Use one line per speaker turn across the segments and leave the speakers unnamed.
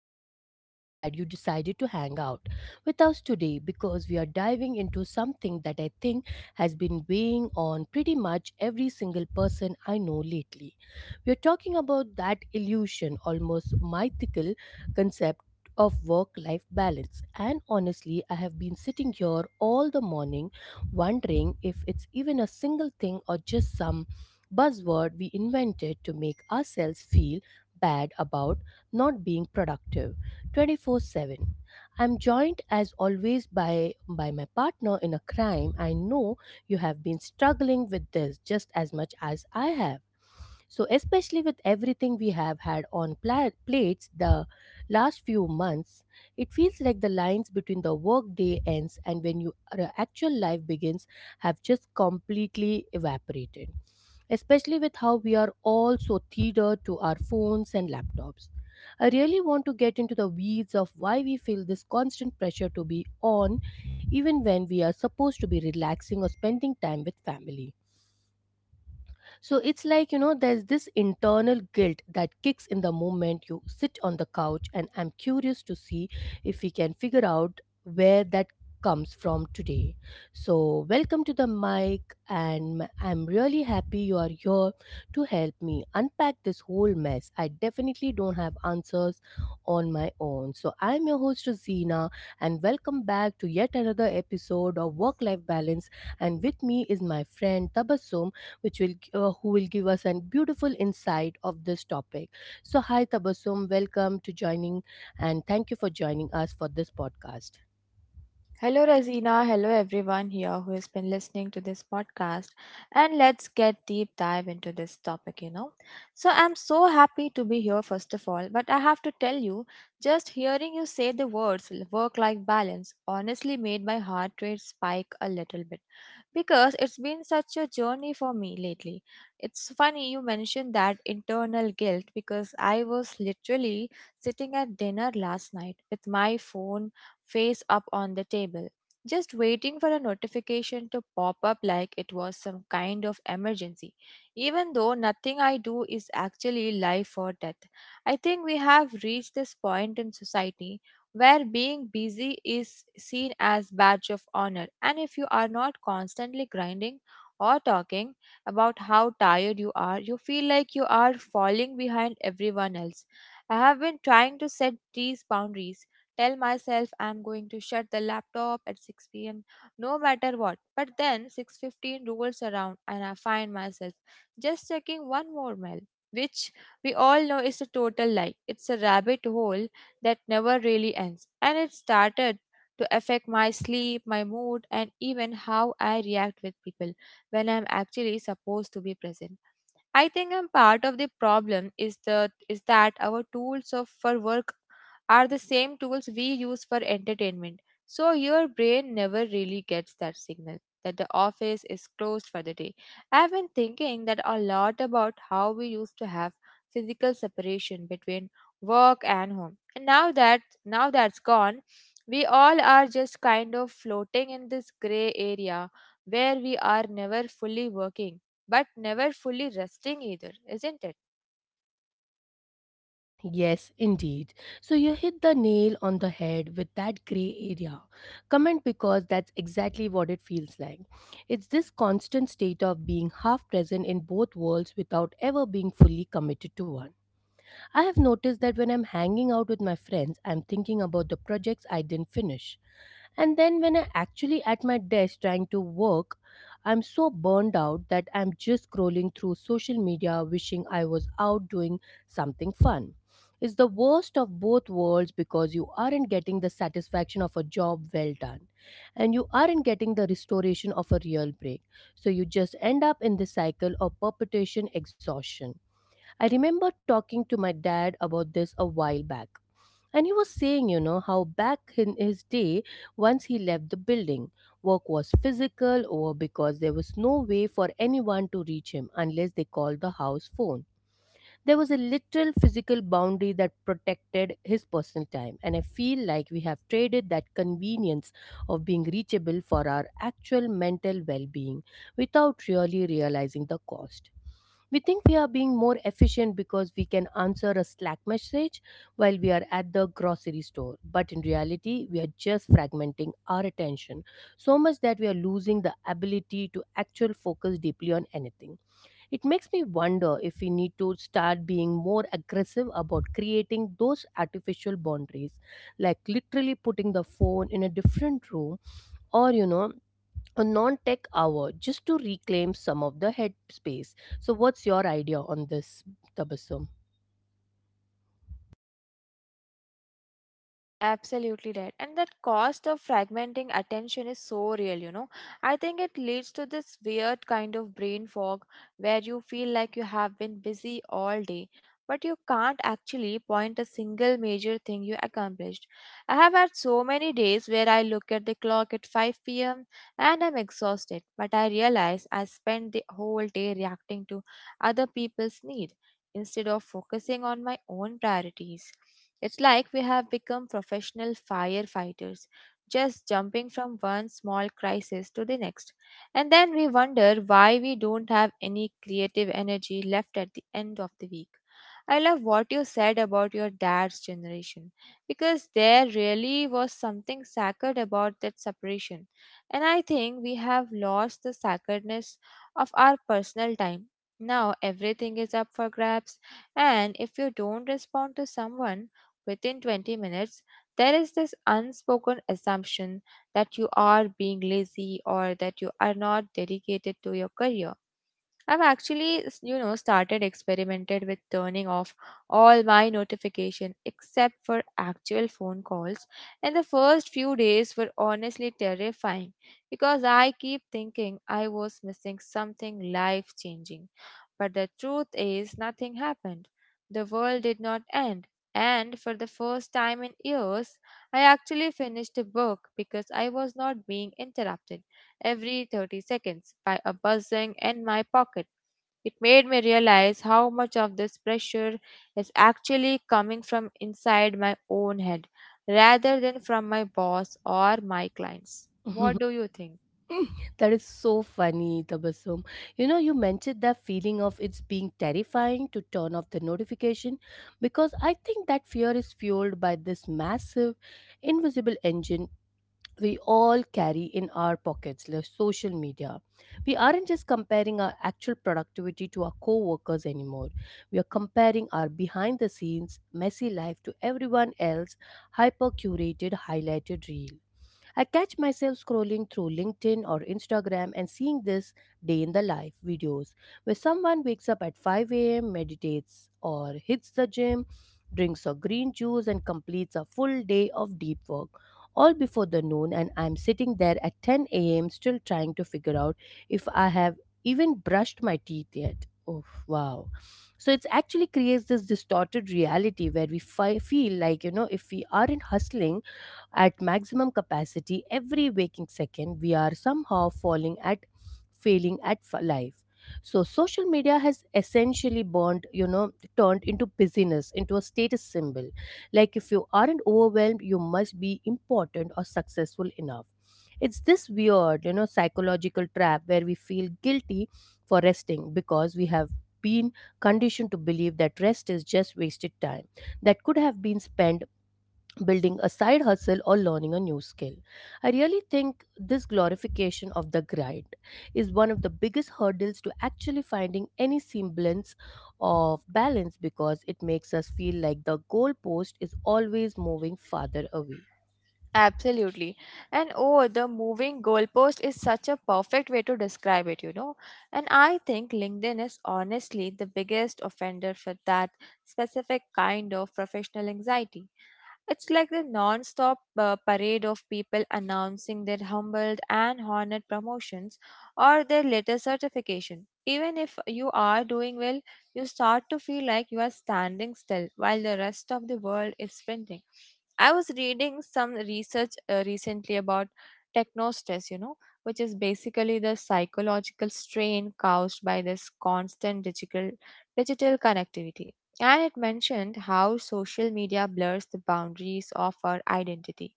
gl- so glad you decided to hang out with us today because we are diving into something that I think has been weighing on pretty much every single person I know lately. We're talking about that illusion, almost mythical concept of work life balance. And honestly, I have been sitting here all the morning wondering if it's even a single thing or just some buzzword we invented to make ourselves feel bad about not being productive 24/7. I'm joined as always by my partner in a crime. I know you have been struggling with this just as much as I have. So, especially with everything we have had on plates the last few months, it feels like the lines between the workday ends and when your actual life begins have just completely evaporated, especially with how we are all so tethered to our phones and laptops. I really want to get into the weeds of why we feel this constant pressure to be on even when we are supposed to be relaxing or spending time with family. So it's like, you know, there's this internal guilt that kicks in the moment you sit on the couch, and I'm curious to see if we can figure out where that comes from today. So, welcome to the mic, and I'm really happy you are here to help me unpack this whole mess. I definitely don't have answers on my own. So, I'm your host, Rosina, and welcome back to yet another episode of Work Life Balance. And with me is my friend Tabassum, which will who will give us a beautiful insight of this topic. So hi Tabassum, welcome to joining and thank you for joining us for this podcast.
Hello, Razina. Hello, everyone here who has been listening to this podcast. And let's get deep dive into this topic, you know. So, I'm so happy to be here, first of all. But I have to tell you, just hearing you say the words work life balance honestly made my heart rate spike a little bit because it's been such a journey for me lately. It's funny you mentioned that internal guilt because I was literally sitting at dinner last night with my phone face up on the table, just waiting for a notification to pop up like it was some kind of emergency, even though nothing I do is actually life or death. I think we have reached this point in society where being busy is seen as badge of honor, and if you are not constantly grinding or talking about how tired you are, you feel like you are falling behind everyone else. I have been trying to set these boundaries, tell myself I'm going to shut the laptop at 6 p.m no matter what, but then 6:15 rolls around and I find myself just checking one more mail, which we all know is a total lie. It's a rabbit hole that never really ends. And it started to affect my sleep, my mood, and even how I react with people when I'm actually supposed to be present. I think I'm part of the problem is the is that our tools of for work are the same tools we use for entertainment. So your brain never really gets that signal that the office is closed for the day. I've been thinking that a lot about how we used to have physical separation between work and home. And now that's gone, we all are just kind of floating in this gray area where we are never fully working but never fully resting either, isn't it?
Yes, indeed. So you hit the nail on the head with that gray area. Comment because that's exactly what it feels like. It's this constant state of being half present in both worlds without ever being fully committed to one. I have noticed that when I'm hanging out with my friends, I'm thinking about the projects I didn't finish. And then when I actually at my desk trying to work, I'm so burned out that I'm just scrolling through social media wishing I was out doing something fun. It's the worst of both worlds because you aren't getting the satisfaction of a job well done and you aren't getting the restoration of a real break. So you just end up in the cycle of perpetuation exhaustion. I remember talking to my dad about this a while back, and he was saying, you know, how back in his day, once he left the building, work was physical or because there was no way for anyone to reach him unless they called the house phone. There was a literal physical boundary that protected his personal time, and I feel like we have traded that convenience of being reachable for our actual mental well being without really realizing the cost. We think we are being more efficient because we can answer a Slack message while we are at the grocery store. But in reality, we are just fragmenting our attention so much that we are losing the ability to actually focus deeply on anything. It makes me wonder if we need to start being more aggressive about creating those artificial boundaries, like literally putting the phone in a different room or, you know, a non tech hour just to reclaim some of the headspace. So, what's your idea on this, Tabassum?
Absolutely right. And that cost of fragmenting attention is so real, you know. I think it leads to this weird kind of brain fog where you feel like you have been busy all day, but you can't actually point a single major thing you accomplished. I have had so many days where I look at the clock at 5 p.m. and I'm exhausted, but I realize I spent the whole day reacting to other people's need instead of focusing on my own priorities. It's like we have become professional firefighters, just jumping from one small crisis to the next. And then we wonder why we don't have any creative energy left at the end of the week. I love what you said about your dad's generation because there really was something sacred about that separation. And I think we have lost the sacredness of our personal time. Now everything is up for grabs, and if you don't respond to someone within 20 minutes, there is this unspoken assumption that you are being lazy or that you are not dedicated to your career. I've actually, started experimented with turning off all my notification except for actual phone calls. And the first few days were honestly terrifying because I keep thinking I was missing something life changing. But the truth is, nothing happened. The world did not end. And for the first time in years, I actually finished a book because I was not being interrupted every 30 seconds by a buzzing in my pocket. It made me realize how much of this pressure is actually coming from inside my own head rather than from my boss or my clients. What do you think?
That is so funny, Tabassum. You know, you mentioned that feeling of it's being terrifying to turn off the notification because I think that fear is fueled by this massive, invisible engine we all carry in our pockets, like social media. We aren't just comparing our actual productivity to our co workers anymore. We are comparing our behind the scenes, messy life to everyone else, hyper curated, highlighted reel. I catch myself scrolling through LinkedIn or Instagram and seeing this day in the life videos where someone wakes up at 5 a.m., meditates or hits the gym, drinks a green juice, and completes a full day of deep work. All before the noon, and I'm sitting there at 10 a.m. still trying to figure out if I have even brushed my teeth yet. Oh, wow. So it's actually creates this distorted reality where we feel like, you know, if we aren't hustling at maximum capacity every waking second, we are somehow falling at failing at life. So social media has essentially burned, you know, turned into business into a status symbol. Like if you aren't overwhelmed, you must be important or successful enough. It's this weird, you know, psychological trap where we feel guilty for resting because we have been conditioned to believe that rest is just wasted time that could have been spent building a side hustle or learning a new skill. I really think this glorification of the grind is one of the biggest hurdles to actually finding any semblance of balance because it makes us feel like the goalpost is always moving farther away.
Absolutely. And oh, the moving goalpost is such a perfect way to describe it, you know. And I think LinkedIn is honestly the biggest offender for that specific kind of professional anxiety. It's like the non-stop parade of people announcing their humbled and honored promotions or their latest certification. Even if you are doing well, you start to feel like you are standing still while the rest of the world is sprinting. I was reading some research recently about techno stress, you know, which is basically the psychological strain caused by this constant digital connectivity. And it mentioned how social media blurs the boundaries of our identity.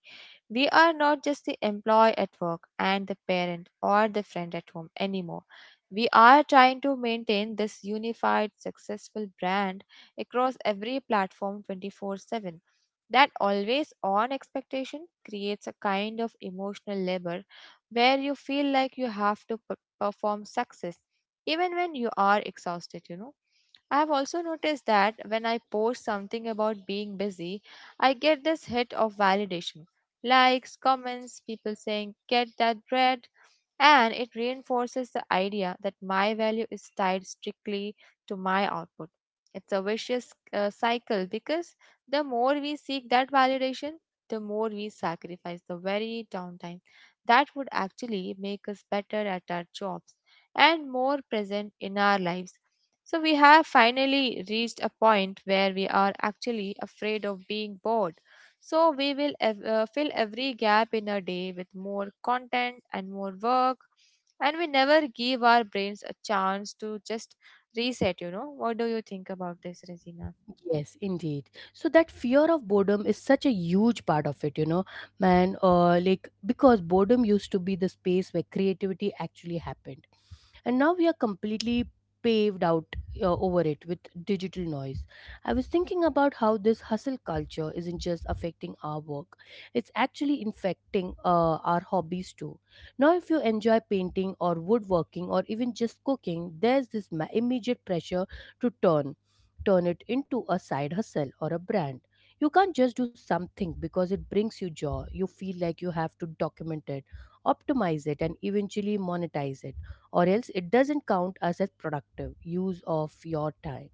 We are not just the employee at work and the parent or the friend at home anymore. We are trying to maintain this unified, successful brand across every platform 24/7. That always on expectation creates a kind of emotional labor where you feel like you have to perform success even when you are exhausted, you know. I have also noticed that when I post something about being busy, I get this hit of validation, likes, comments, people saying, "Get that bread." And it reinforces the idea that my value is tied strictly to my output. It's a vicious cycle because the more we seek that validation, the more we sacrifice the very downtime that would actually make us better at our jobs and more present in our lives. So, we have finally reached a point where we are actually afraid of being bored, so we will fill every gap in a day with more content and more work, and we never give our brains a chance to just reset. You know, what do you think about this, Resina?
Yes, indeed. So that fear of boredom is such a huge part of it, you know, man. Like because boredom used to be the space where creativity actually happened, and now we are completely paved out over it with digital noise. I was thinking about how this hustle culture isn't just affecting our work, it's actually infecting our hobbies too. Now if you enjoy painting or woodworking or even just cooking, there's this immediate pressure to turn it into a side hustle or a brand. You can't just do something because it brings you joy. You feel like you have to document it, optimize it, and eventually monetize it, or else it doesn't count as a productive use of your time.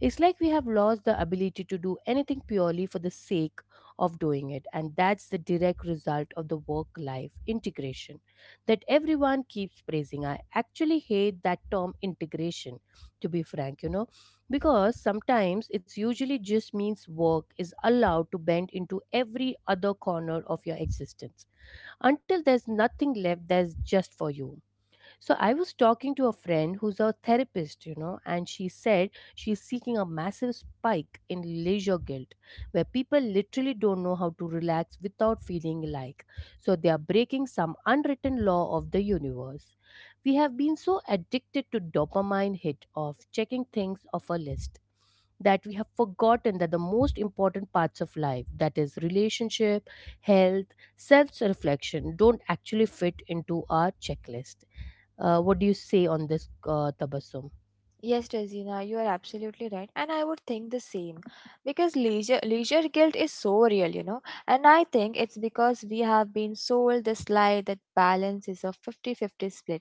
It's like we have lost the ability to do anything purely for the sake of doing it, and that's the direct result of the work life integration that everyone keeps praising. I actually hate that term integration, to be frank, you know, because sometimes it's usually just means work is allowed to bend into every other corner of your existence until there's nothing left that's just for you. So I was talking to a friend who's a therapist, you know, and she said she's seeking a massive spike in leisure guilt where people literally don't know how to relax without feeling like. So they are breaking some unwritten law of the universe. We have been so addicted to dopamine hit of checking things off a list that we have forgotten that the most important parts of life, that is relationship, health, self reflection, don't actually fit into our checklist. Uh, what do you say on this, Tabassum?
Yes, Tazina, you are absolutely right. And I would think the same because leisure guilt is so real, you know. And I think it's because we have been sold this lie that balance is a 50-50 split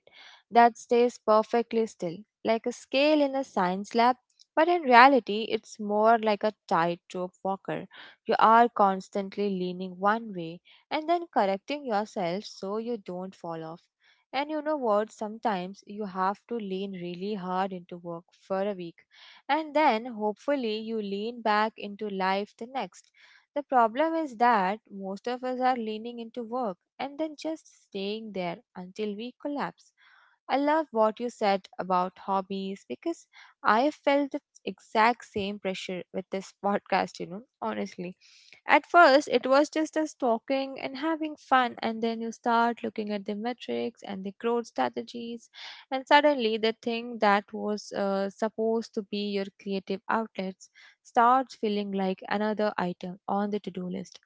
that stays perfectly still, like a scale in a science lab. But in reality, it's more like a tightrope walker. You are constantly leaning one way and then correcting yourself so you don't fall off. And you know what? Sometimes you have to lean really hard into work for a week, and then hopefully you lean back into life the next. The problem is that most of us are leaning into work and then just staying there until we collapse. I love what you said about hobbies because I felt the exact same pressure with this podcast, you know, honestly. At first, it was just us talking and having fun, and then you start looking at the metrics and the growth strategies, and suddenly the thing that was supposed to be your creative outlets starts feeling like another item on the to do list.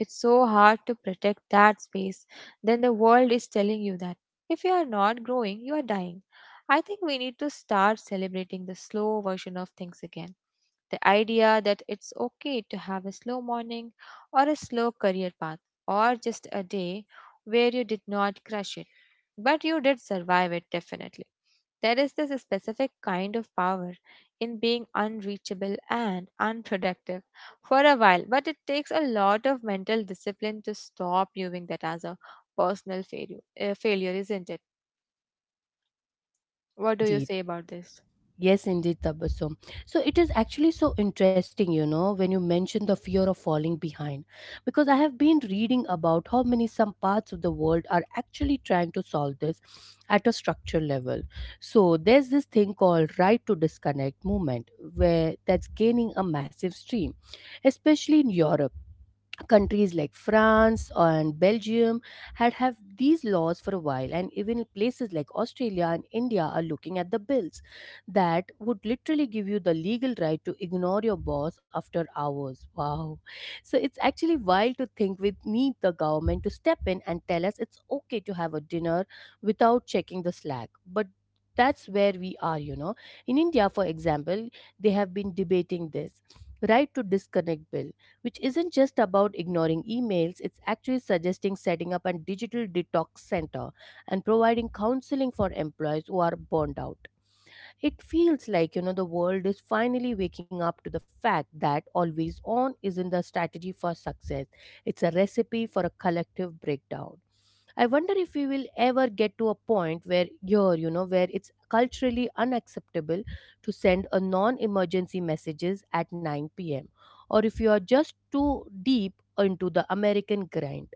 It's so hard to protect that space. Then the world is telling you that if you are not growing, you are dying. I think we need to start celebrating the slow version of things again, the idea that it's okay to have a slow morning or a slow career path or just a day where you did not crush it, but you did survive it definitely. There is this specific kind of power in being unreachable and unproductive for a while, but it takes a lot of mental discipline to stop viewing that as a personal failure, isn't it? What do you
Indeed.
say about this?
Yes, indeed, Tabassum. So it is actually so interesting, you know, when you mention the fear of falling behind, because I have been reading about how many some parts of the world are actually trying to solve this at a structural level. So there's this thing called right to disconnect movement, where that's gaining a massive stream, especially in Europe. Countries like France and Belgium had have these laws for a while, and even places like Australia and India are looking at the bills that would literally give you the legal right to ignore your boss after hours. Wow. So it's actually wild to think we need the government to step in and tell us it's okay to have a dinner without checking the slack, but that's where we are, you know. In India, for example, they have been debating this right to disconnect bill, which isn't just about ignoring emails, it's actually suggesting setting up a digital detox center and providing counseling for employees who are burned out. It feels like, you know, the world is finally waking up to the fact that always on isn't a strategy for success, it's a recipe for a collective breakdown. I wonder if we will ever get to a point where you're, you know, where it's culturally unacceptable to send a non-emergency messages at 9 p.m., or if you are just too deep into the American grind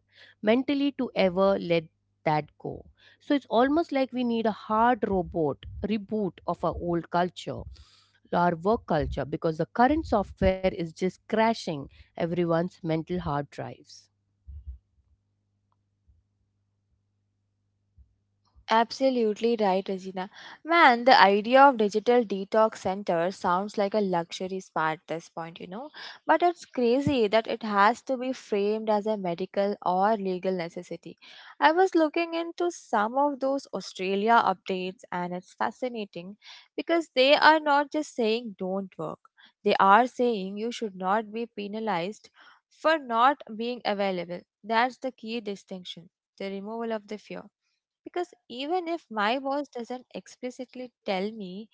mentally to ever let that go. So it's almost like we need a hard robot reboot of our old culture, our work culture, because the current software is just crashing everyone's mental hard drives.
Absolutely right, Regina. Man, the idea of digital detox center sounds like a luxury spa at this point, you know. But it's crazy that it has to be framed as a medical or legal necessity. I was looking into some of those Australia updates, and it's fascinating because they are not just saying don't work, they are saying you should not be penalized for not being available. That's the key distinction, the removal of the fear. Because even if my boss doesn't explicitly tell me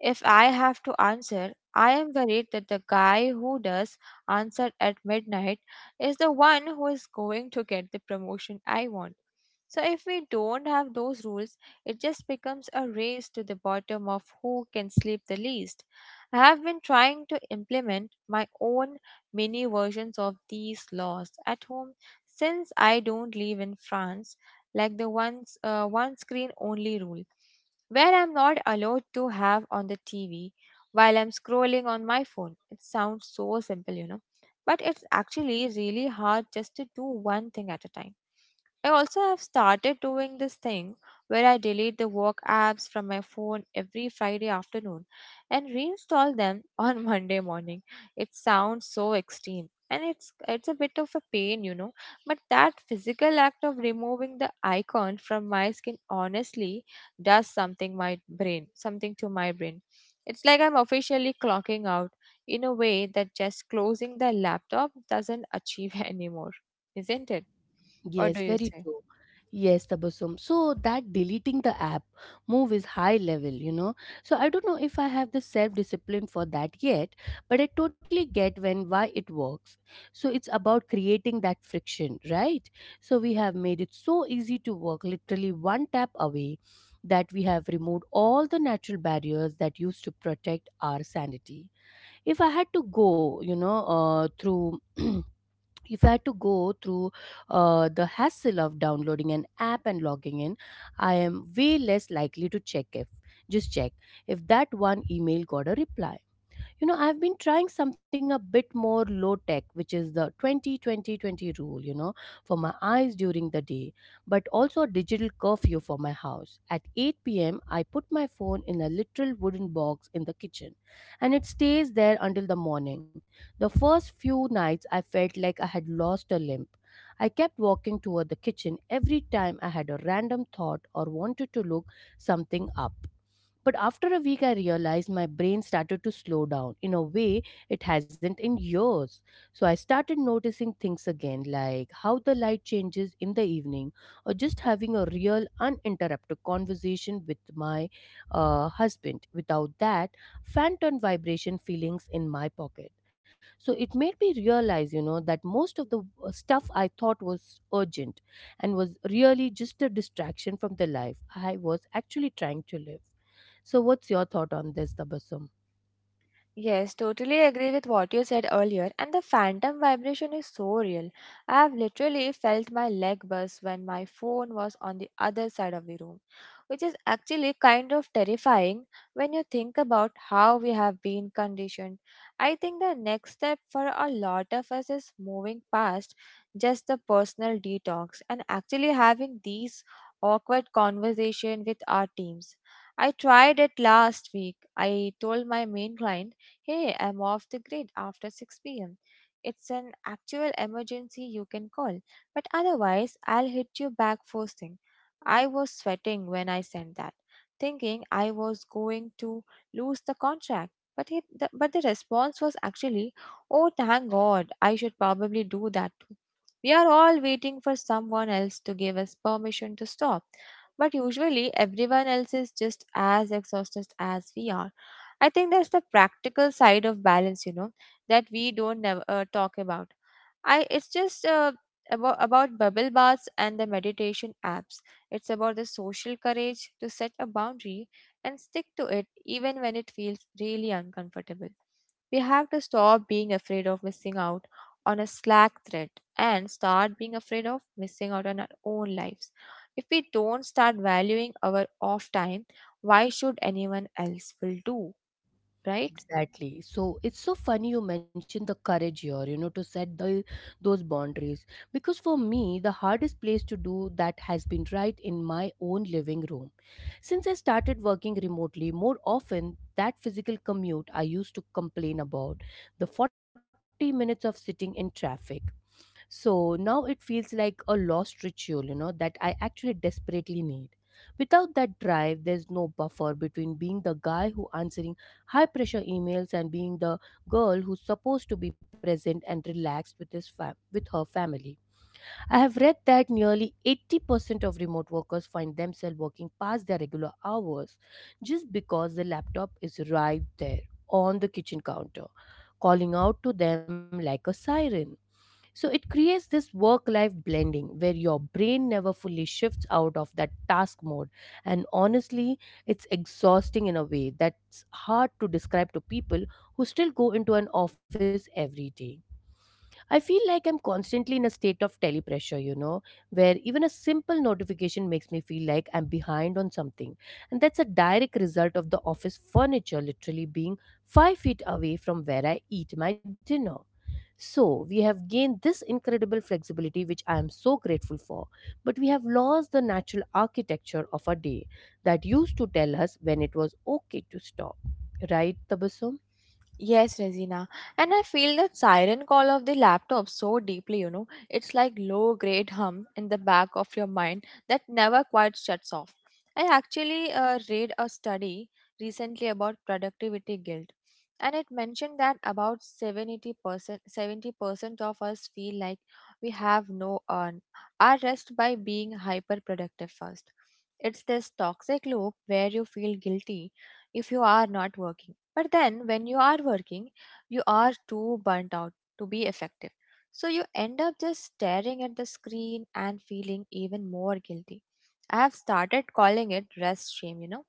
if I have to answer, I am worried that the guy who does answer at midnight is the one who is going to get the promotion I want. So, if we don't have those rules, it just becomes a race to the bottom of who can sleep the least. I have been trying to implement my own mini versions of these laws at home, since I don't live in France, like the once one screen only rule where I'm not allowed to have on the TV while I'm scrolling on my phone. It sounds so simple, you know, but it's actually really hard just to do one thing at a time. I also have started doing this thing where I delete the work apps from my phone every Friday afternoon and reinstall them on Monday morning. It sounds so extreme and it's a bit of a pain, you know, but that physical act of removing the icon from my skin honestly does something to my brain. It's like I'm officially clocking out in a way that just closing the laptop doesn't achieve anymore, isn't it? What do
Yes,
you
very
say?
true. Yes, Tabassum. So that deleting the app move is high level, you know. So I don't know if I have the self discipline for that yet, but I totally get when why it works. So it's about creating that friction, right? So we have made it so easy to work literally one tap away that we have removed all the natural barriers that used to protect our sanity. If I had to go, through if I had to go through the hassle of downloading an app and logging in, I am way less likely to check if that one email got a reply. I've been trying something a bit more low tech, which is the 20-20-20 rule, for my eyes during the day, but also a digital curfew for my house. At 8 p.m., I put my phone in a literal wooden box in the kitchen and it stays there until the morning. The first few nights, I felt like I had lost a limb. I kept walking toward the kitchen every time I had a random thought or wanted to look something up. But after a week, I realized my brain started to slow down in a way it hasn't in years. So I started noticing things again, like how the light changes in the evening, or just having a real uninterrupted conversation with my husband without that phantom vibration feelings in my pocket. So it made me realize that most of the stuff I thought was urgent and was really just a distraction from the life I was actually trying to live. So, what's your thought on this, Tabassum?
Yes, totally agree with what you said earlier, and the phantom vibration is so real. I have literally felt my leg buzz when my phone was on the other side of the room, which is actually kind of terrifying when you think about how we have been conditioned. I think the next step for a lot of us is moving past just the personal detox and actually having these awkward conversation with our teams. I tried it last week. I told my main client, "Hey, I'm off the grid after 6 pm. It's an actual emergency you can call, but otherwise, I'll hit you back first thing." I was sweating when I sent that, thinking I was going to lose the contract. But, but the response was actually, "Oh, thank God, I should probably do that too." We are all waiting for someone else to give us permission to stop, but usually everyone else is just as exhausted as we are. I think that's the practical side of balance, you know, that we don't never, talk about. I it's just about bubble baths and the meditation apps. It's about the social courage to set a boundary and stick to it even when it feels really uncomfortable. We have to stop being afraid of missing out on a Slack thread and start being afraid of missing out on our own lives. If we don't start valuing our off time, why should anyone else will do? Right?
Exactly. So it's so funny you mentioned the courage here to set those boundaries. Because for me, the hardest place to do that has been right in my own living room. Since I started working remotely more often, that physical commute I used to complain about, the 40 minutes of sitting in traffic, so now it feels like a lost ritual that I actually desperately need. Without that drive, there's no buffer between being the guy who answering high pressure emails and being the girl who's supposed to be present and relaxed with with her family. I have read that nearly 80% of remote workers find themselves working past their regular hours just because the laptop is right there on the kitchen counter, calling out to them like a siren. So it creates this work life blending where your brain never fully shifts out of that task mode. And honestly, it's exhausting in a way that's hard to describe to people who still go into an office every day. I feel like I'm constantly in a state of telepressure, where even a simple notification makes me feel like I'm behind on something. And that's a direct result of the office furniture literally being 5 feet away from where I eat my dinner. So, we have gained this incredible flexibility, which I am so grateful for, but we have lost the natural architecture of our day that used to tell us when it was okay to stop. Right, Tabasum?
Yes, Resina. And I feel the siren call of the laptop so deeply, you know. It's like low grade hum in the back of your mind that never quite shuts off. I actually read a study recently about productivity guilt, and it mentioned that about 70% of us feel like we have no earn our rest by being hyper productive first. It's this toxic loop where you feel guilty if you are not working. But then when you are working, you are too burnt out to be effective. So you end up just staring at the screen and feeling even more guilty. I have started calling it rest shame, you know.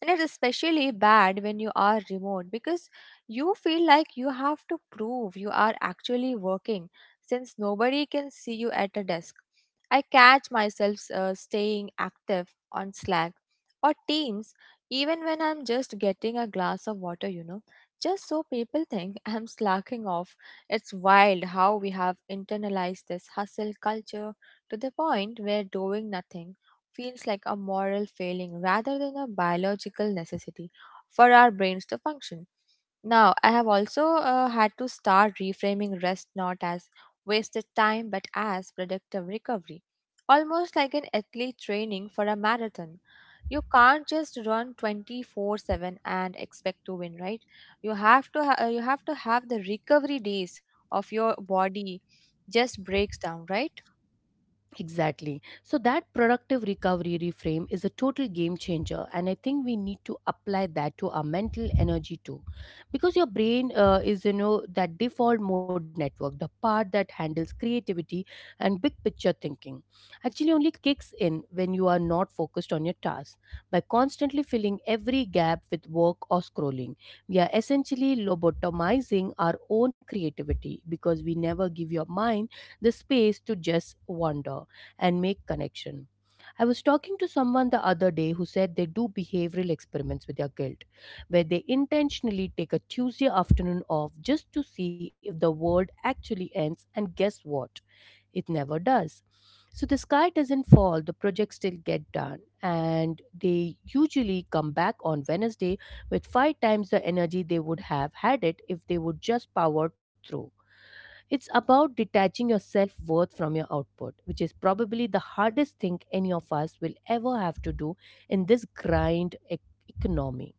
And it's especially bad when you are remote because you feel like you have to prove you are actually working since nobody can see you at a desk. I catch myself staying active on Slack or Teams even when I'm just getting a glass of water, you know, just so people think I'm slacking off. It's wild how we have internalized this hustle culture to the point where doing nothing feels like a moral failing rather than a biological necessity for our brains to function. Now, I have also had to start reframing rest not as wasted time but as productive recovery, almost like an athlete training for a marathon. You can't just run 24/7 and expect to win, right? You have to you have to have the recovery days of your body just breaks down, right?
Exactly. So, that productive recovery reframe is a total game changer, and I think we need to apply that to our mental energy too. Because your brain is that default mode network, the part that handles creativity and big picture thinking, actually only kicks in when you are not focused on your task. By constantly filling every gap with work or scrolling, we are essentially lobotomizing our own creativity because we never give your mind the space to just wander and make connection. I was talking to someone the other day who said they do behavioral experiments with their guilt, where they intentionally take a Tuesday afternoon off just to see if the world actually ends, and guess what? It never does. So the sky doesn't fall, the projects still get done, and they usually come back on Wednesday with five times the energy they would have had it if they would just power through. It's about detaching your self worth from your output, which is probably the hardest thing any of us will ever have to do in this grind economy.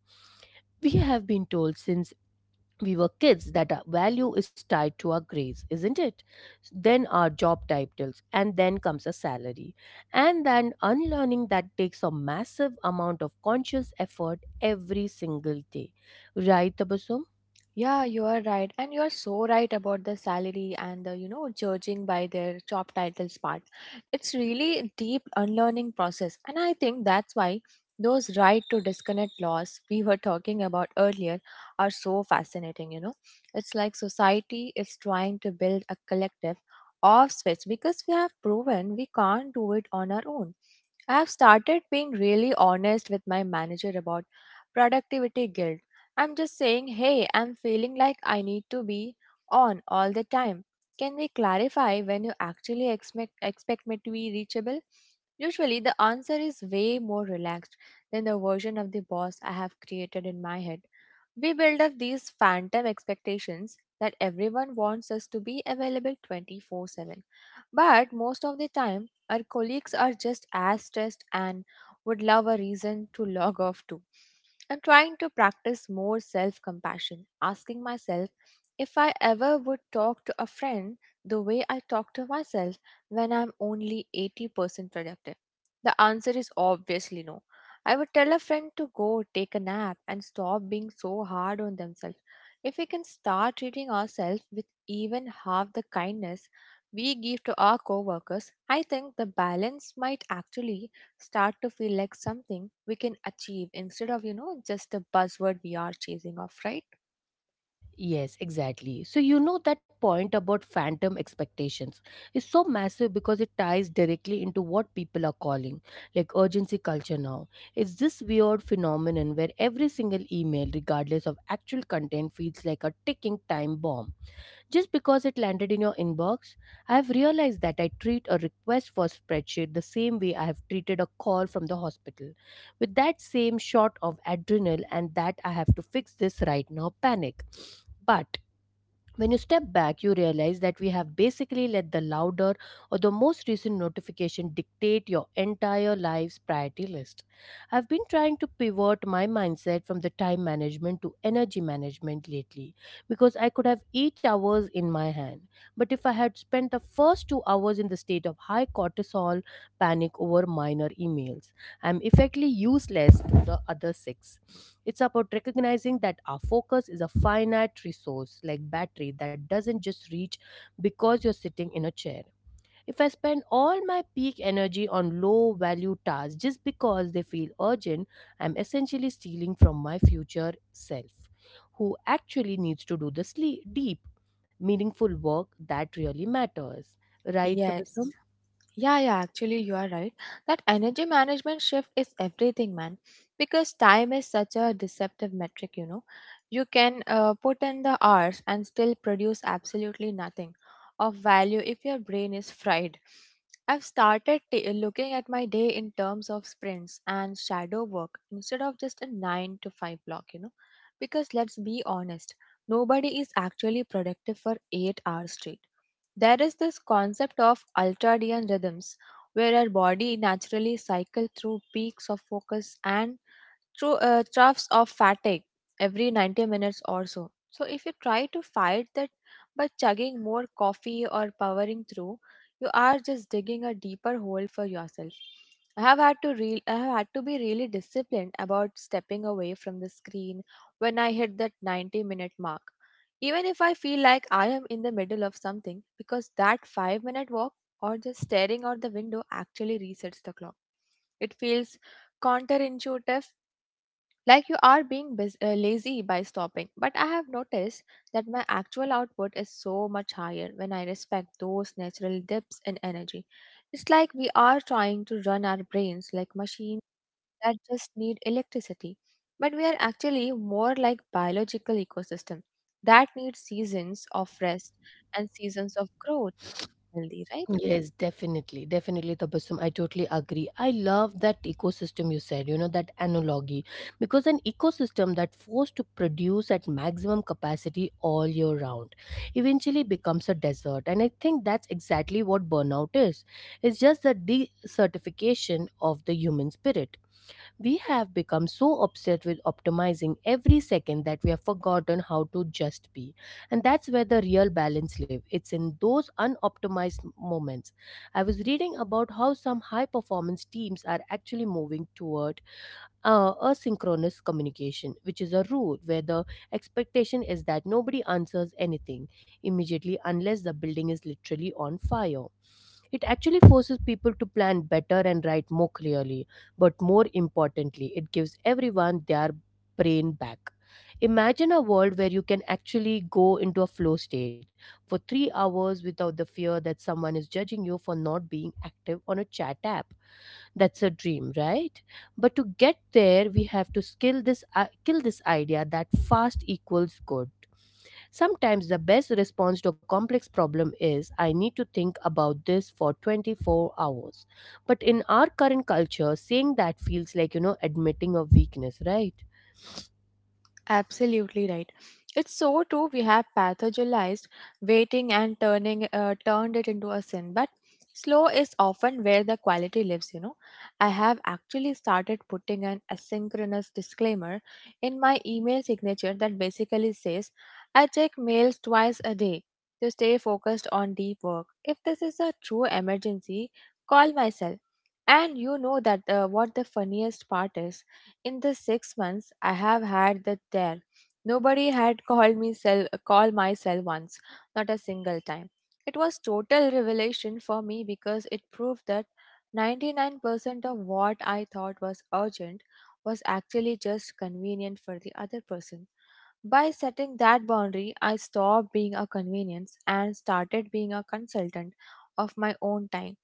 We have been told since we were kids that our value is tied to our grades, isn't it? Then our job titles, and then comes a salary. And then unlearning that takes a massive amount of conscious effort every single day. Right, Tabasum?
Yeah, you are right. And you are so right about the salary and the, you know, judging by their job titles part. It's really a deep unlearning process. And I think that's why those right to disconnect laws we were talking about earlier are so fascinating, you know. It's like society is trying to build a collective off switch because we have proven we can't do it on our own. I've started being really honest with my manager about productivity guilt. I'm just saying, "Hey, I'm feeling like I need to be on all the time. Can we clarify when you actually expect me to be reachable?" Usually, the answer is way more relaxed than the version of the boss I have created in my head. We build up these phantom expectations that everyone wants us to be available 24/7. But most of the time, our colleagues are just as stressed and would love a reason to log off too. I'm trying to practice more self compassion, asking myself if I ever would talk to a friend the way I talk to myself when I'm only 80% productive. The answer is obviously no. I would tell a friend to go take a nap and stop being so hard on themselves. If we can start treating ourselves with even half the kindness we give to our coworkers, I think the balance might actually start to feel like something we can achieve instead of, you know, just a buzzword we are chasing off, right?
Yes, exactly. So that point about phantom expectations is so massive because it ties directly into what people are calling like urgency culture now. It's this weird phenomenon where every single email, regardless of actual content, feels like a ticking time bomb. Just because it landed in your inbox, I have realized that I treat a request for spreadsheet the same way I have treated a call from the hospital, with that same shot of adrenal and that I have to fix this right now panic. But when you step back, you realize that we have basically let the louder or the most recent notification dictate your entire life's priority list. I've been trying to pivot my mindset from the time management to energy management lately because I could have 8 hours in my hand. But if I had spent the first 2 hours in the state of high cortisol panic over minor emails, I'm effectively useless to the other six. It's about recognizing that our focus is a finite resource like battery that doesn't just reach because you're sitting in a chair. If I spend all my peak energy on low value tasks just because they feel urgent, I'm essentially stealing from my future self, who actually needs to do the sleep, deep, meaningful work that really matters. Right,
Yes.
Tabasum?
Yeah, yeah, actually, you are right. That energy management shift is everything, man. Because time is such a deceptive metric, you know. You can put in the hours and still produce absolutely nothing of value if your brain is fried. I've started looking at my day in terms of sprints and shadow work instead of just a 9 to 5 block, you know. Because let's be honest, nobody is actually productive for 8 hours straight. There is this concept of ultradian rhythms, where our body naturally cycles through peaks of focus and through troughs of fatigue every 90 minutes or so. So, if you try to fight that by chugging more coffee or powering through, you are just digging a deeper hole for yourself. I have had to be really disciplined about stepping away from the screen when I hit that 90-minute mark. Even if I feel like I am in the middle of something, because that 5-minute walk or just staring out the window actually resets the clock. It feels counterintuitive, like you are being lazy by stopping, but I have noticed that my actual output is so much higher when I respect those natural dips in energy. It's like we are trying to run our brains like machines that just need electricity, but we are actually more like biological ecosystem that needs seasons of rest and seasons of growth to stay healthy, right?
Yes, definitely, definitely, Tabassum. I totally agree. I love that ecosystem you said, that analogy, because an ecosystem that forced to produce at maximum capacity all year round eventually becomes a desert. And I think that's exactly what burnout is. It's just the desertification of the human spirit. We have become so obsessed with optimizing every second that we have forgotten how to just be. And that's where the real balance lives. It's in those unoptimized moments. I was reading about how some high performance teams are actually moving toward asynchronous communication, which is a rule where the expectation is that nobody answers anything immediately unless the building is literally on fire. It actually forces people to plan better and write more clearly, but more importantly, it gives everyone their brain back. Imagine a world where you can actually go into a flow state for 3 hours without the fear that someone is judging you for not being active on a chat app. That's a dream, right? But to get there, we have to skill this I kill this idea that fast equals good. Sometimes the best response to a complex problem is, I need to think about this for 24 hours. But in our current culture, saying that feels like admitting a weakness, right?
Absolutely right. It's so true. We have pathologized waiting and turning turned it into a sin, but slow is often where the quality lives. You know, I have actually started putting an asynchronous disclaimer in my email signature that basically says, "I check mails twice a day to stay focused on deep work. If this is a true emergency, call myself." And you know that, what the funniest part is? In the 6 months I have had that there, nobody had called me cell, call my cell once, not a single time. It was total revelation for me because it proved that 99% of what I thought was urgent was actually just convenient for the other person. By setting that boundary, I stopped being a convenience and started being a consultant of my own time.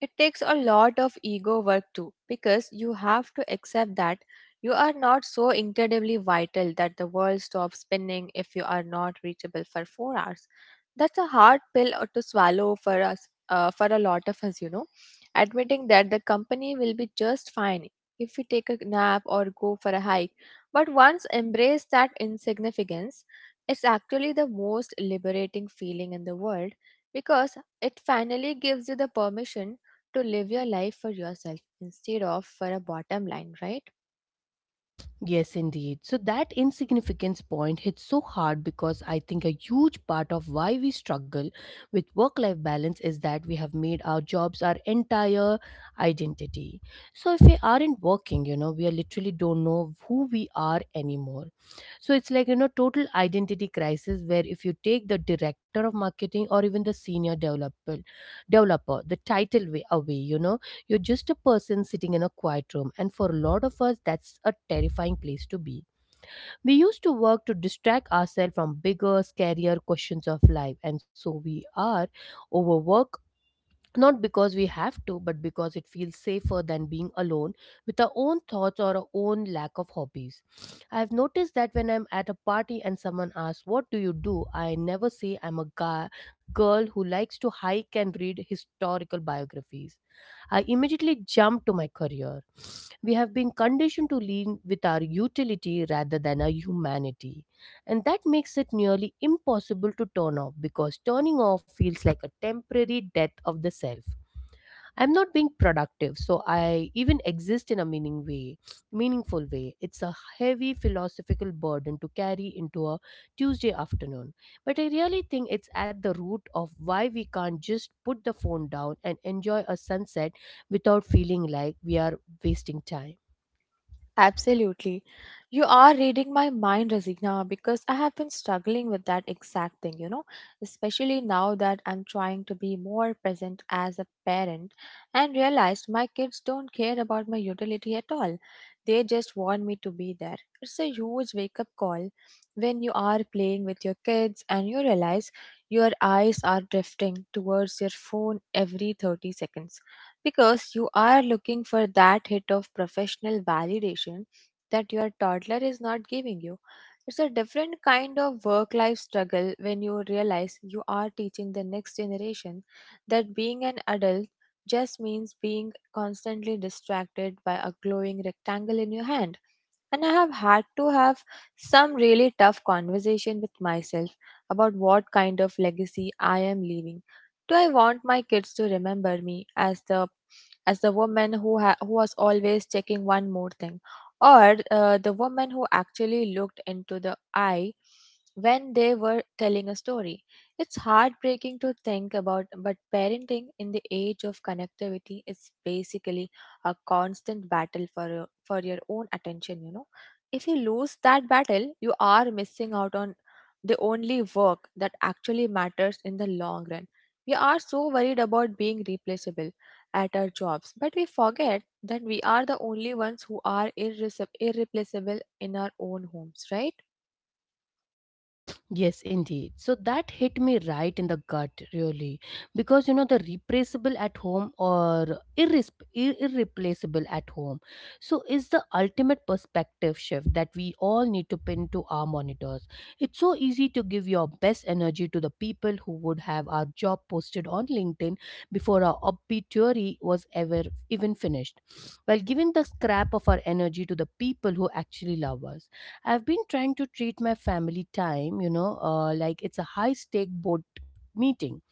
It takes a lot of ego work too, because you have to accept that you are not so incredibly vital that the world stops spinning if you are not reachable for 4 hours. That's a hard pill to swallow for us, for a lot of us, you know. Admitting that the company will be just fine if we take a nap or go for a hike, but once embrace that insignificance, it's actually the most liberating feeling in the world because it finally gives you the permission to live your life for yourself instead of for a bottom line, right?
Yes, indeed. So that insignificance point hits so hard because I think a huge part of why we struggle with work life balance is that we have made our jobs our entire identity. So if we aren't working, we are literally don't know who we are anymore. So it's like total identity crisis where if you take the director of marketing or even the senior developer, the title way away, you're just a person sitting in a quiet room, and for a lot of us, that's a terrifying place to be. We used to work to distract ourselves from bigger, scarier questions of life, and so we are overworked. Not because we have to, but because it feels safer than being alone with our own thoughts or our own lack of hobbies. I've noticed that when I'm at a party and someone asks, what do you do? I never say I'm girl who likes to hike and read historical biographies. I immediately jumped to my career. We have been conditioned to lean with our utility rather than our humanity. And that makes it nearly impossible to turn off because turning off feels like a temporary death of the self. I'm not being productive, so I even exist in a meaningful way. It's a heavy philosophical burden to carry into a Tuesday afternoon. But I really think it's at the root of why we can't just put the phone down and enjoy a sunset without feeling like we are wasting time.
Absolutely. You are reading my mind, Razina, because I have been struggling with that exact thing, you know, especially now that I'm trying to be more present as a parent and realized my kids don't care about my utility at all. They just want me to be there. It's a huge wake up call when you are playing with your kids and you realize your eyes are drifting towards your phone every 30 seconds because you are looking for that hit of professional validation that your toddler is not giving you. It's a different kind of work life struggle when you realize you are teaching the next generation that being an adult just means being constantly distracted by a glowing rectangle in your hand. And I have had to have some really tough conversation with myself about what kind of legacy I am leaving. Do I want my kids to remember me as the who was always checking one more thing, or the woman who actually looked into the eye when they were telling a story? It's heartbreaking to think about, but parenting in the age of connectivity is basically a constant battle for for your own attention. You know, if you lose that battle, you are missing out on the only work that actually matters in the long run. We are so worried about being replaceable at our jobs, but we forget that we are the only ones who are irreplaceable in our own homes, right?
Yes, indeed. So that hit me right in the gut, really. Because the replaceable at home or irreplaceable at home. So is the ultimate perspective shift that we all need to pin to our monitors. It's so easy to give your best energy to the people who would have our job posted on LinkedIn before our obituary was ever even finished, while giving the scrap of our energy to the people who actually love us. I've been trying to treat my family time like it's a high stake board meeting.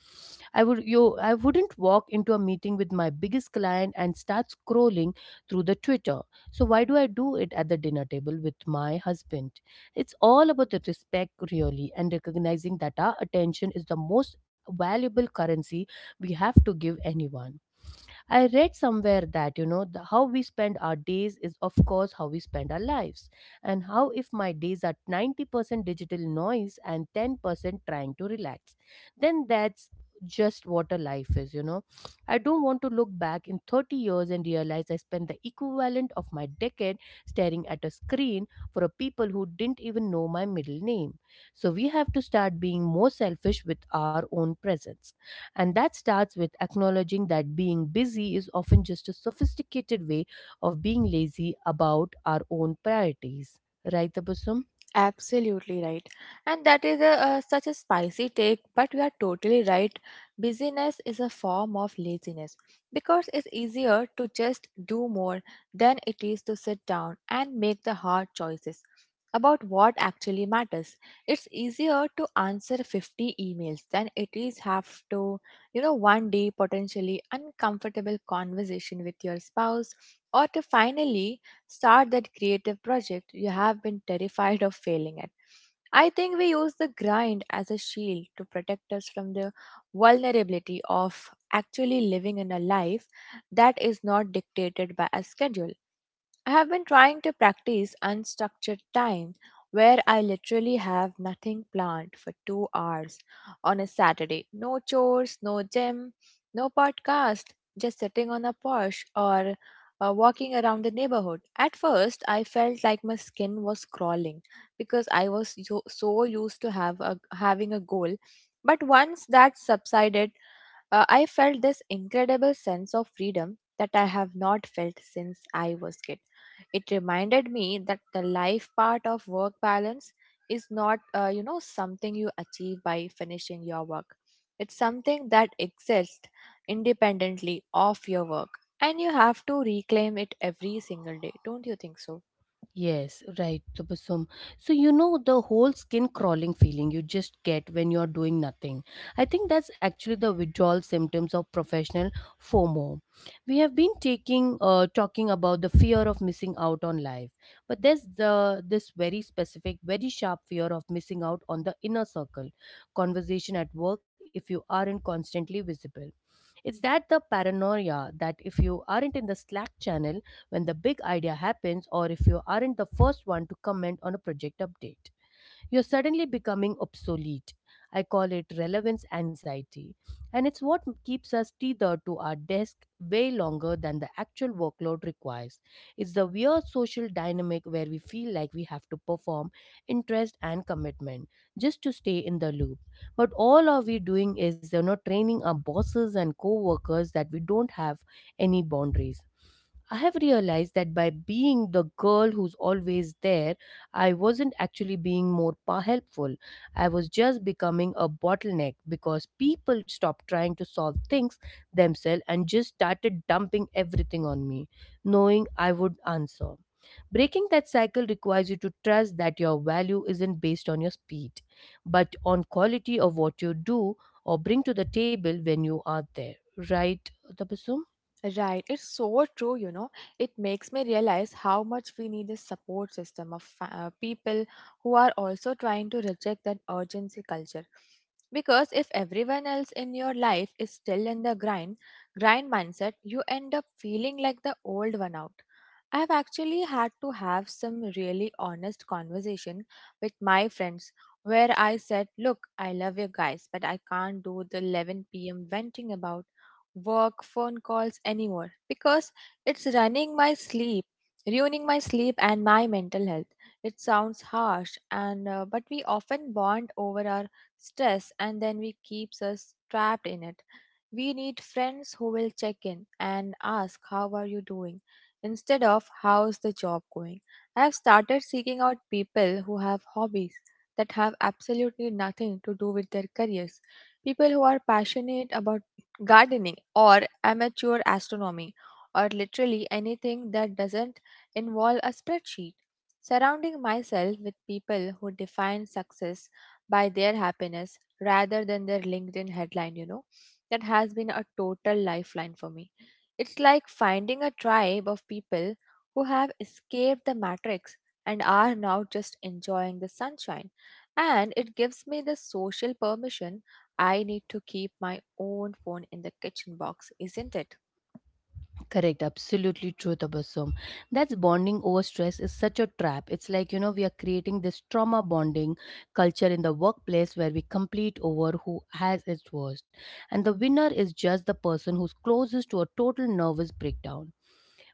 I wouldn't walk into a meeting with my biggest client and start scrolling through the Twitter. So why do I do it at the dinner table with my husband? It's all about the respect really, and recognizing that our attention is the most valuable currency we have to give anyone. I read somewhere that how we spend our days is, of course, how we spend our lives. And how if my days are 90% digital noise and 10% trying to relax, then that's just what a life is. I don't want to look back in 30 years and realize I spent the equivalent of my decade staring at a screen for a people who didn't even know my middle name. So we have to start being more selfish with our own presence. And that starts with acknowledging that being busy is often just a sophisticated way of being lazy about our own priorities. Right, Tabasum?
Absolutely right. And that is a, such a spicy take, but you are totally right. Busyness is a form of laziness because it's easier to just do more than it is to sit down and make the hard choices about what actually matters. It's easier to answer 50 emails than it is have to, one day potentially uncomfortable conversation with your spouse or to finally start that creative project you have been terrified of failing at. I think we use the grind as a shield to protect us from the vulnerability of actually living in a life that is not dictated by a schedule. I have been trying to practice unstructured time where I literally have nothing planned for 2 hours on a Saturday. No chores, no gym, no podcast, just sitting on a porch or walking around the neighborhood. At first, I felt like my skin was crawling because I was so used to having a goal. But once that subsided, I felt this incredible sense of freedom that I have not felt since I was kid. It reminded me that the life part of work balance is not something you achieve by finishing your work. It's something that exists independently of your work, and you have to reclaim it every single day. Don't you think so?
Yes, right, Tabasum. The whole skin crawling feeling you just get when you're doing nothing. I think that's actually the withdrawal symptoms of professional FOMO. We have been talking about the fear of missing out on life, but there's the this very specific, very sharp fear of missing out on the inner circle conversation at work if you aren't constantly visible. It's that the paranoia that if you aren't in the Slack channel when the big idea happens, or if you aren't the first one to comment on a project update, you're suddenly becoming obsolete. I call it relevance anxiety, and it's what keeps us tethered to our desk way longer than the actual workload requires. It's the weird social dynamic where we feel like we have to perform interest and commitment just to stay in the loop. But all are we doing is training our bosses and co-workers that we don't have any boundaries. I have realized that by being the girl who's always there, I wasn't actually being helpful. I was just becoming a bottleneck because people stopped trying to solve things themselves and just started dumping everything on me, knowing I would answer. Breaking that cycle requires you to trust that your value isn't based on your speed, but on quality of what you do or bring to the table when you are there. Right, Tabassum?
Right, it's so true, you know. It makes me realize how much we need a support system of people who are also trying to reject that urgency culture. Because if everyone else in your life is still in the grind mindset, you end up feeling like the old one out. I've actually had to have some really honest conversation with my friends where I said, "Look, I love you guys, but I can't do the 11 p.m. venting about work, phone calls, anymore because it's running my sleep, ruining my sleep and my mental health. It sounds harsh, and but we often bond over our stress, and then we keeps us trapped in it. We need friends who will check in and ask, "How are you doing?" instead of "How's the job going." I have started seeking out people who have hobbies that have absolutely nothing to do with their careers, people who are passionate about gardening, or amateur astronomy, or literally anything that doesn't involve a spreadsheet. Surrounding myself with people who define success by their happiness rather than their LinkedIn headline, you know, that has been a total lifeline for me. It's like finding a tribe of people who have escaped the matrix and are now just enjoying the sunshine. And it gives me the social permission I need to keep my own phone in the kitchen box, isn't it?
Correct, absolutely true, Tabassum. That's bonding over stress is such a trap. It's like, you know, we are creating this trauma bonding culture in the workplace where we compete over who has its worst. And the winner is just the person who's closest to a total nervous breakdown.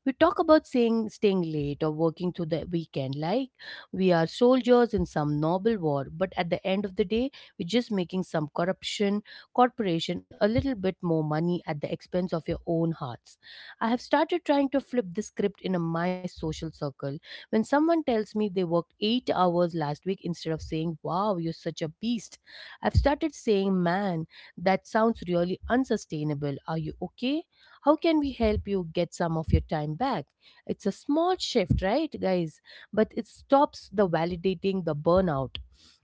We talk about staying late or working through the weekend like we are soldiers in some noble war, but at the end of the day, we're just making some corporation a little bit more money at the expense of your own hearts. I have started trying to flip the script in my social circle. When someone tells me they worked 8 hours last week, instead of saying, "Wow, you're such a beast," I've started saying, "Man, that sounds really unsustainable. Are you okay? How can we help you get some of your time back?" It's a small shift, right, guys? But it stops the validating the burnout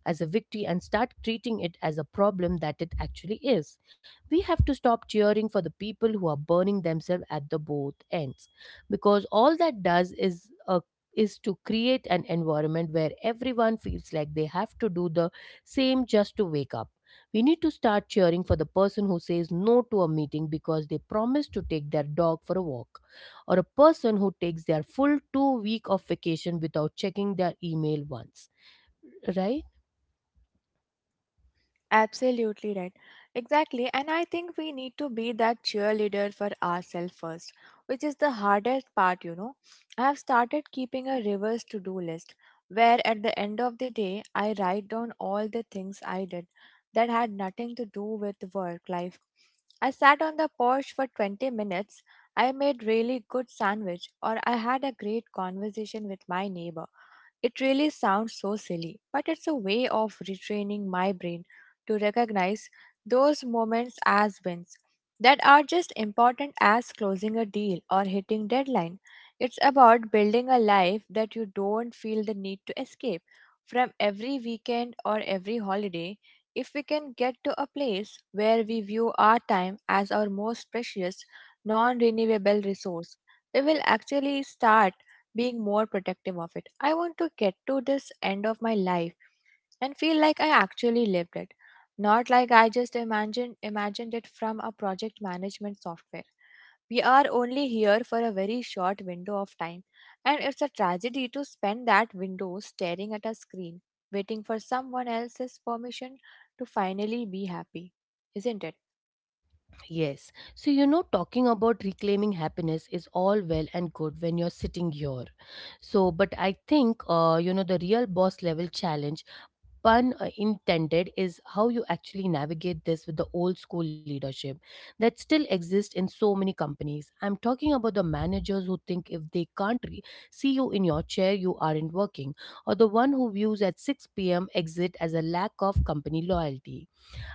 as a victory and start treating it as a problem that it actually is. We have to stop cheering for the people who are burning themselves at the both ends, because all that does is a is to create an environment where everyone feels like they have to do the same just to wake up. We need to start cheering for the person who says no to a meeting because they promised to take their dog for a walk, or a person who takes their full 2 week of vacation without checking their email once. Right?
Absolutely right. Exactly. And I think we need to be that cheerleader for ourselves first, which is the hardest part, you know. I have started keeping a reverse to do list where at the end of the day I write down all the things I did that had nothing to do with work life. I sat on the porch for 20 minutes. I made really good sandwich or I had a great conversation with my neighbor. It really sounds so silly, but it's a way of retraining my brain to recognize those moments as wins that are just important as closing a deal or hitting deadline. It's about building a life that you don't feel the need to escape from every weekend or every holiday. If we can get to a place where we view our time as our most precious, non renewable resource, we will actually start being more protective of it. I want to get to this end of my life and feel like I actually lived it, not like I just imagined it from a project management software. We are only here for a very short window of time, and it's a tragedy to spend that window staring at a screen, waiting for someone else's permission to finally be happy, isn't it?
Yes. Talking about reclaiming happiness is all well and good when you're sitting here. But I think, the real boss level challenge — pun intended is how you actually navigate this with the old school leadership that still exists in so many companies. I'm talking about the managers who think if they can't re- see you in your chair you aren't working, or the one who views at 6 p.m. exit as a lack of company loyalty.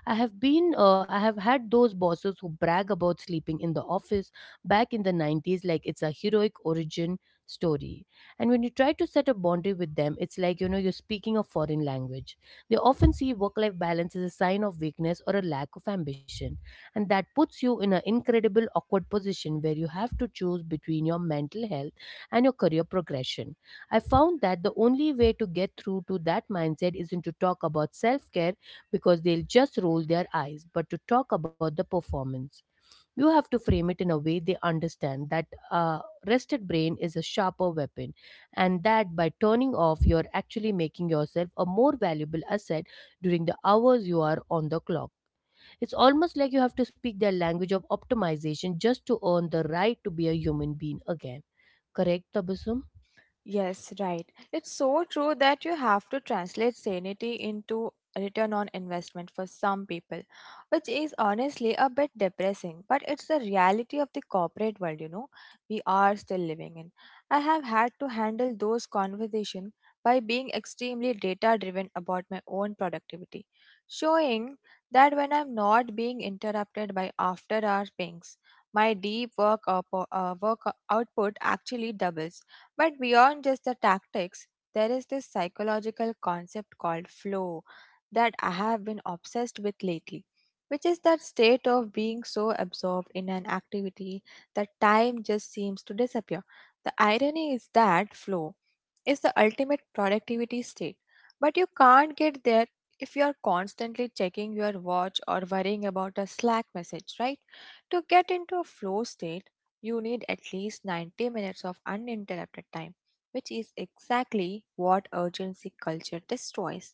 I have had those bosses who brag about sleeping in the office back in the 90s like it's a heroic origin story. And when you try to set a boundary with them, it's like, you know, you're speaking a foreign language. They often see work life balance as a sign of weakness or a lack of ambition. And that puts you in an incredible awkward position where you have to choose between your mental health and your career progression. I found that the only way to get through to that mindset isn't to talk about self care, because they'll just roll their eyes, but to talk about the performance. You have to frame it in a way they understand, that a rested brain is a sharper weapon and that by turning off you're actually making yourself a more valuable asset during the hours you are on the clock. It's almost like you have to speak their language of optimization just to earn the right to be a human being again. Correct, Tabasum?
Yes, right. It's so true that you have to translate sanity into return on investment for some people, which is honestly a bit depressing, but it's the reality of the corporate world, you know, we are still living in. I have had to handle those conversations by being extremely data driven about my own productivity, showing that when I'm not being interrupted by after hour pings, my work output actually doubles but beyond just the tactics, there is this psychological concept called flow that I have been obsessed with lately, which is that state of being so absorbed in an activity that time just seems to disappear. The irony is that flow is the ultimate productivity state, but you can't get there if you are constantly checking your watch or worrying about a Slack message, right? To get into a flow state, you need at least 90 minutes of uninterrupted time, which is exactly what urgency culture destroys.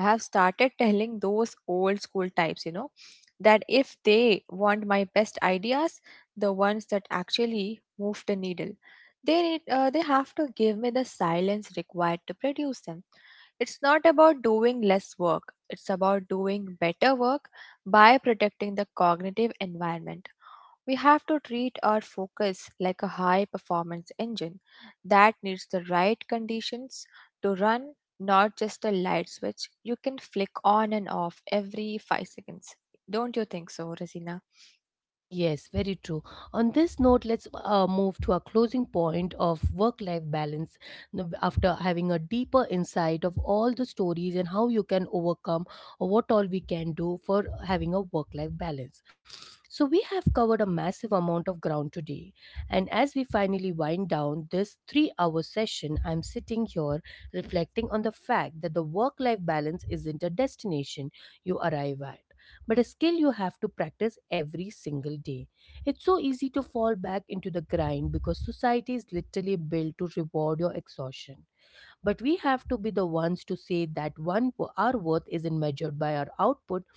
I have started telling those old school types, you know, that if they want my best ideas, the ones that actually move the needle, they have to give me the silence required to produce them. It's not about doing less work. It's about doing better work by protecting the cognitive environment. We have to treat our focus like a high performance engine that needs the right conditions to run, not just a light switch you can flick on and off every 5 seconds. Don't you think so, Rosina?
Yes, very true. On this note, let's move to our closing point of work life balance. Now, after having a deeper insight of all the stories and how you can overcome, or what all we can do for having a work life balance. So, we have covered a massive amount of ground today. And as we finally wind down this 3 hour session, I'm sitting here reflecting on the fact that the work life balance isn't a destination you arrive at, but a skill you have to practice every single day. It's so easy to fall back into the grind because society is literally built to reward your exhaustion. But we have to be the ones to say that one, our worth isn't measured by our output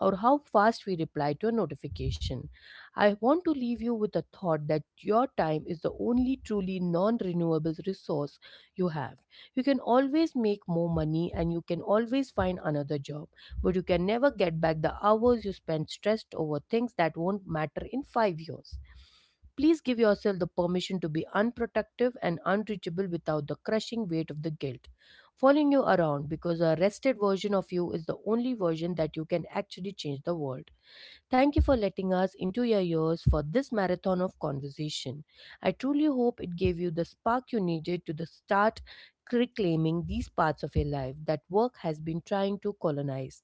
or how fast we reply to a notification. I want to leave you with a thought that your time is the only truly non renewable resource you have. You can always make more money and you can always find another job, but you can never get back the hours you spent stressed over things that won't matter in 5 years. Please give yourself the permission to be unprotective and unreachable without the crushing weight of the guilt following you around, because a rested version of you is the only version that you can actually change the world. Thank you for letting us into your ears for this marathon of conversation. I truly hope it gave you the spark you needed to the start reclaiming these parts of your life that work has been trying to colonize.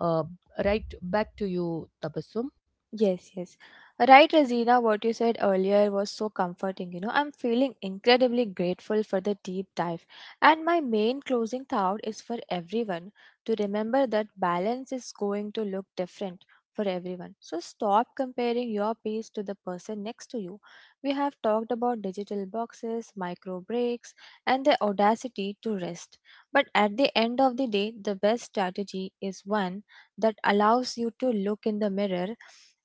Uh, right back to you, Tabassum.
Yes, yes. Right, Razina, what you said earlier was so comforting. You know, I'm feeling incredibly grateful for the deep dive. And my main closing thought is for everyone to remember that balance is going to look different for everyone. So stop comparing your pace to the person next to you. We have talked about digital boxes, micro breaks, and the audacity to rest. But at the end of the day, the best strategy is one that allows you to look in the mirror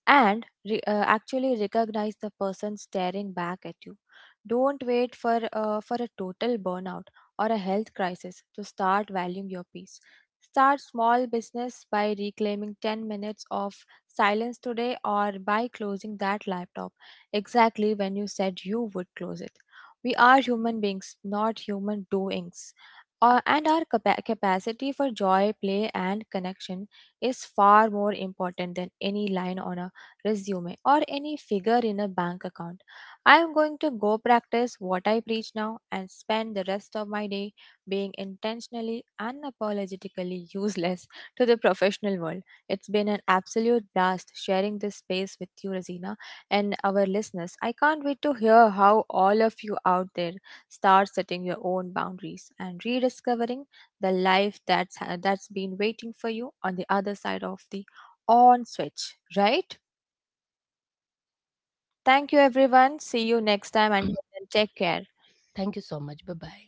and actually recognize the person staring back at you. Don't wait for a total burnout or a health crisis to start valuing your peace. Start small business by reclaiming 10 minutes of silence today or by closing that laptop exactly when you said you would close it. We are human beings, not human doings. And our capacity for joy, play, and connection is far more important than any line on a resume or any figure in a bank account. I am going to go practice what I preach now and spend the rest of my day being intentionally and apologetically useless to the professional world. It's been an absolute blast sharing this space with you, Rosina, and our listeners. I can't wait to hear how all of you out there start setting your own boundaries and rediscovering the life that's been waiting for you on the other side of the on switch, right? Thank you everyone. See you next time and take care.
Thank you so much. Bye bye.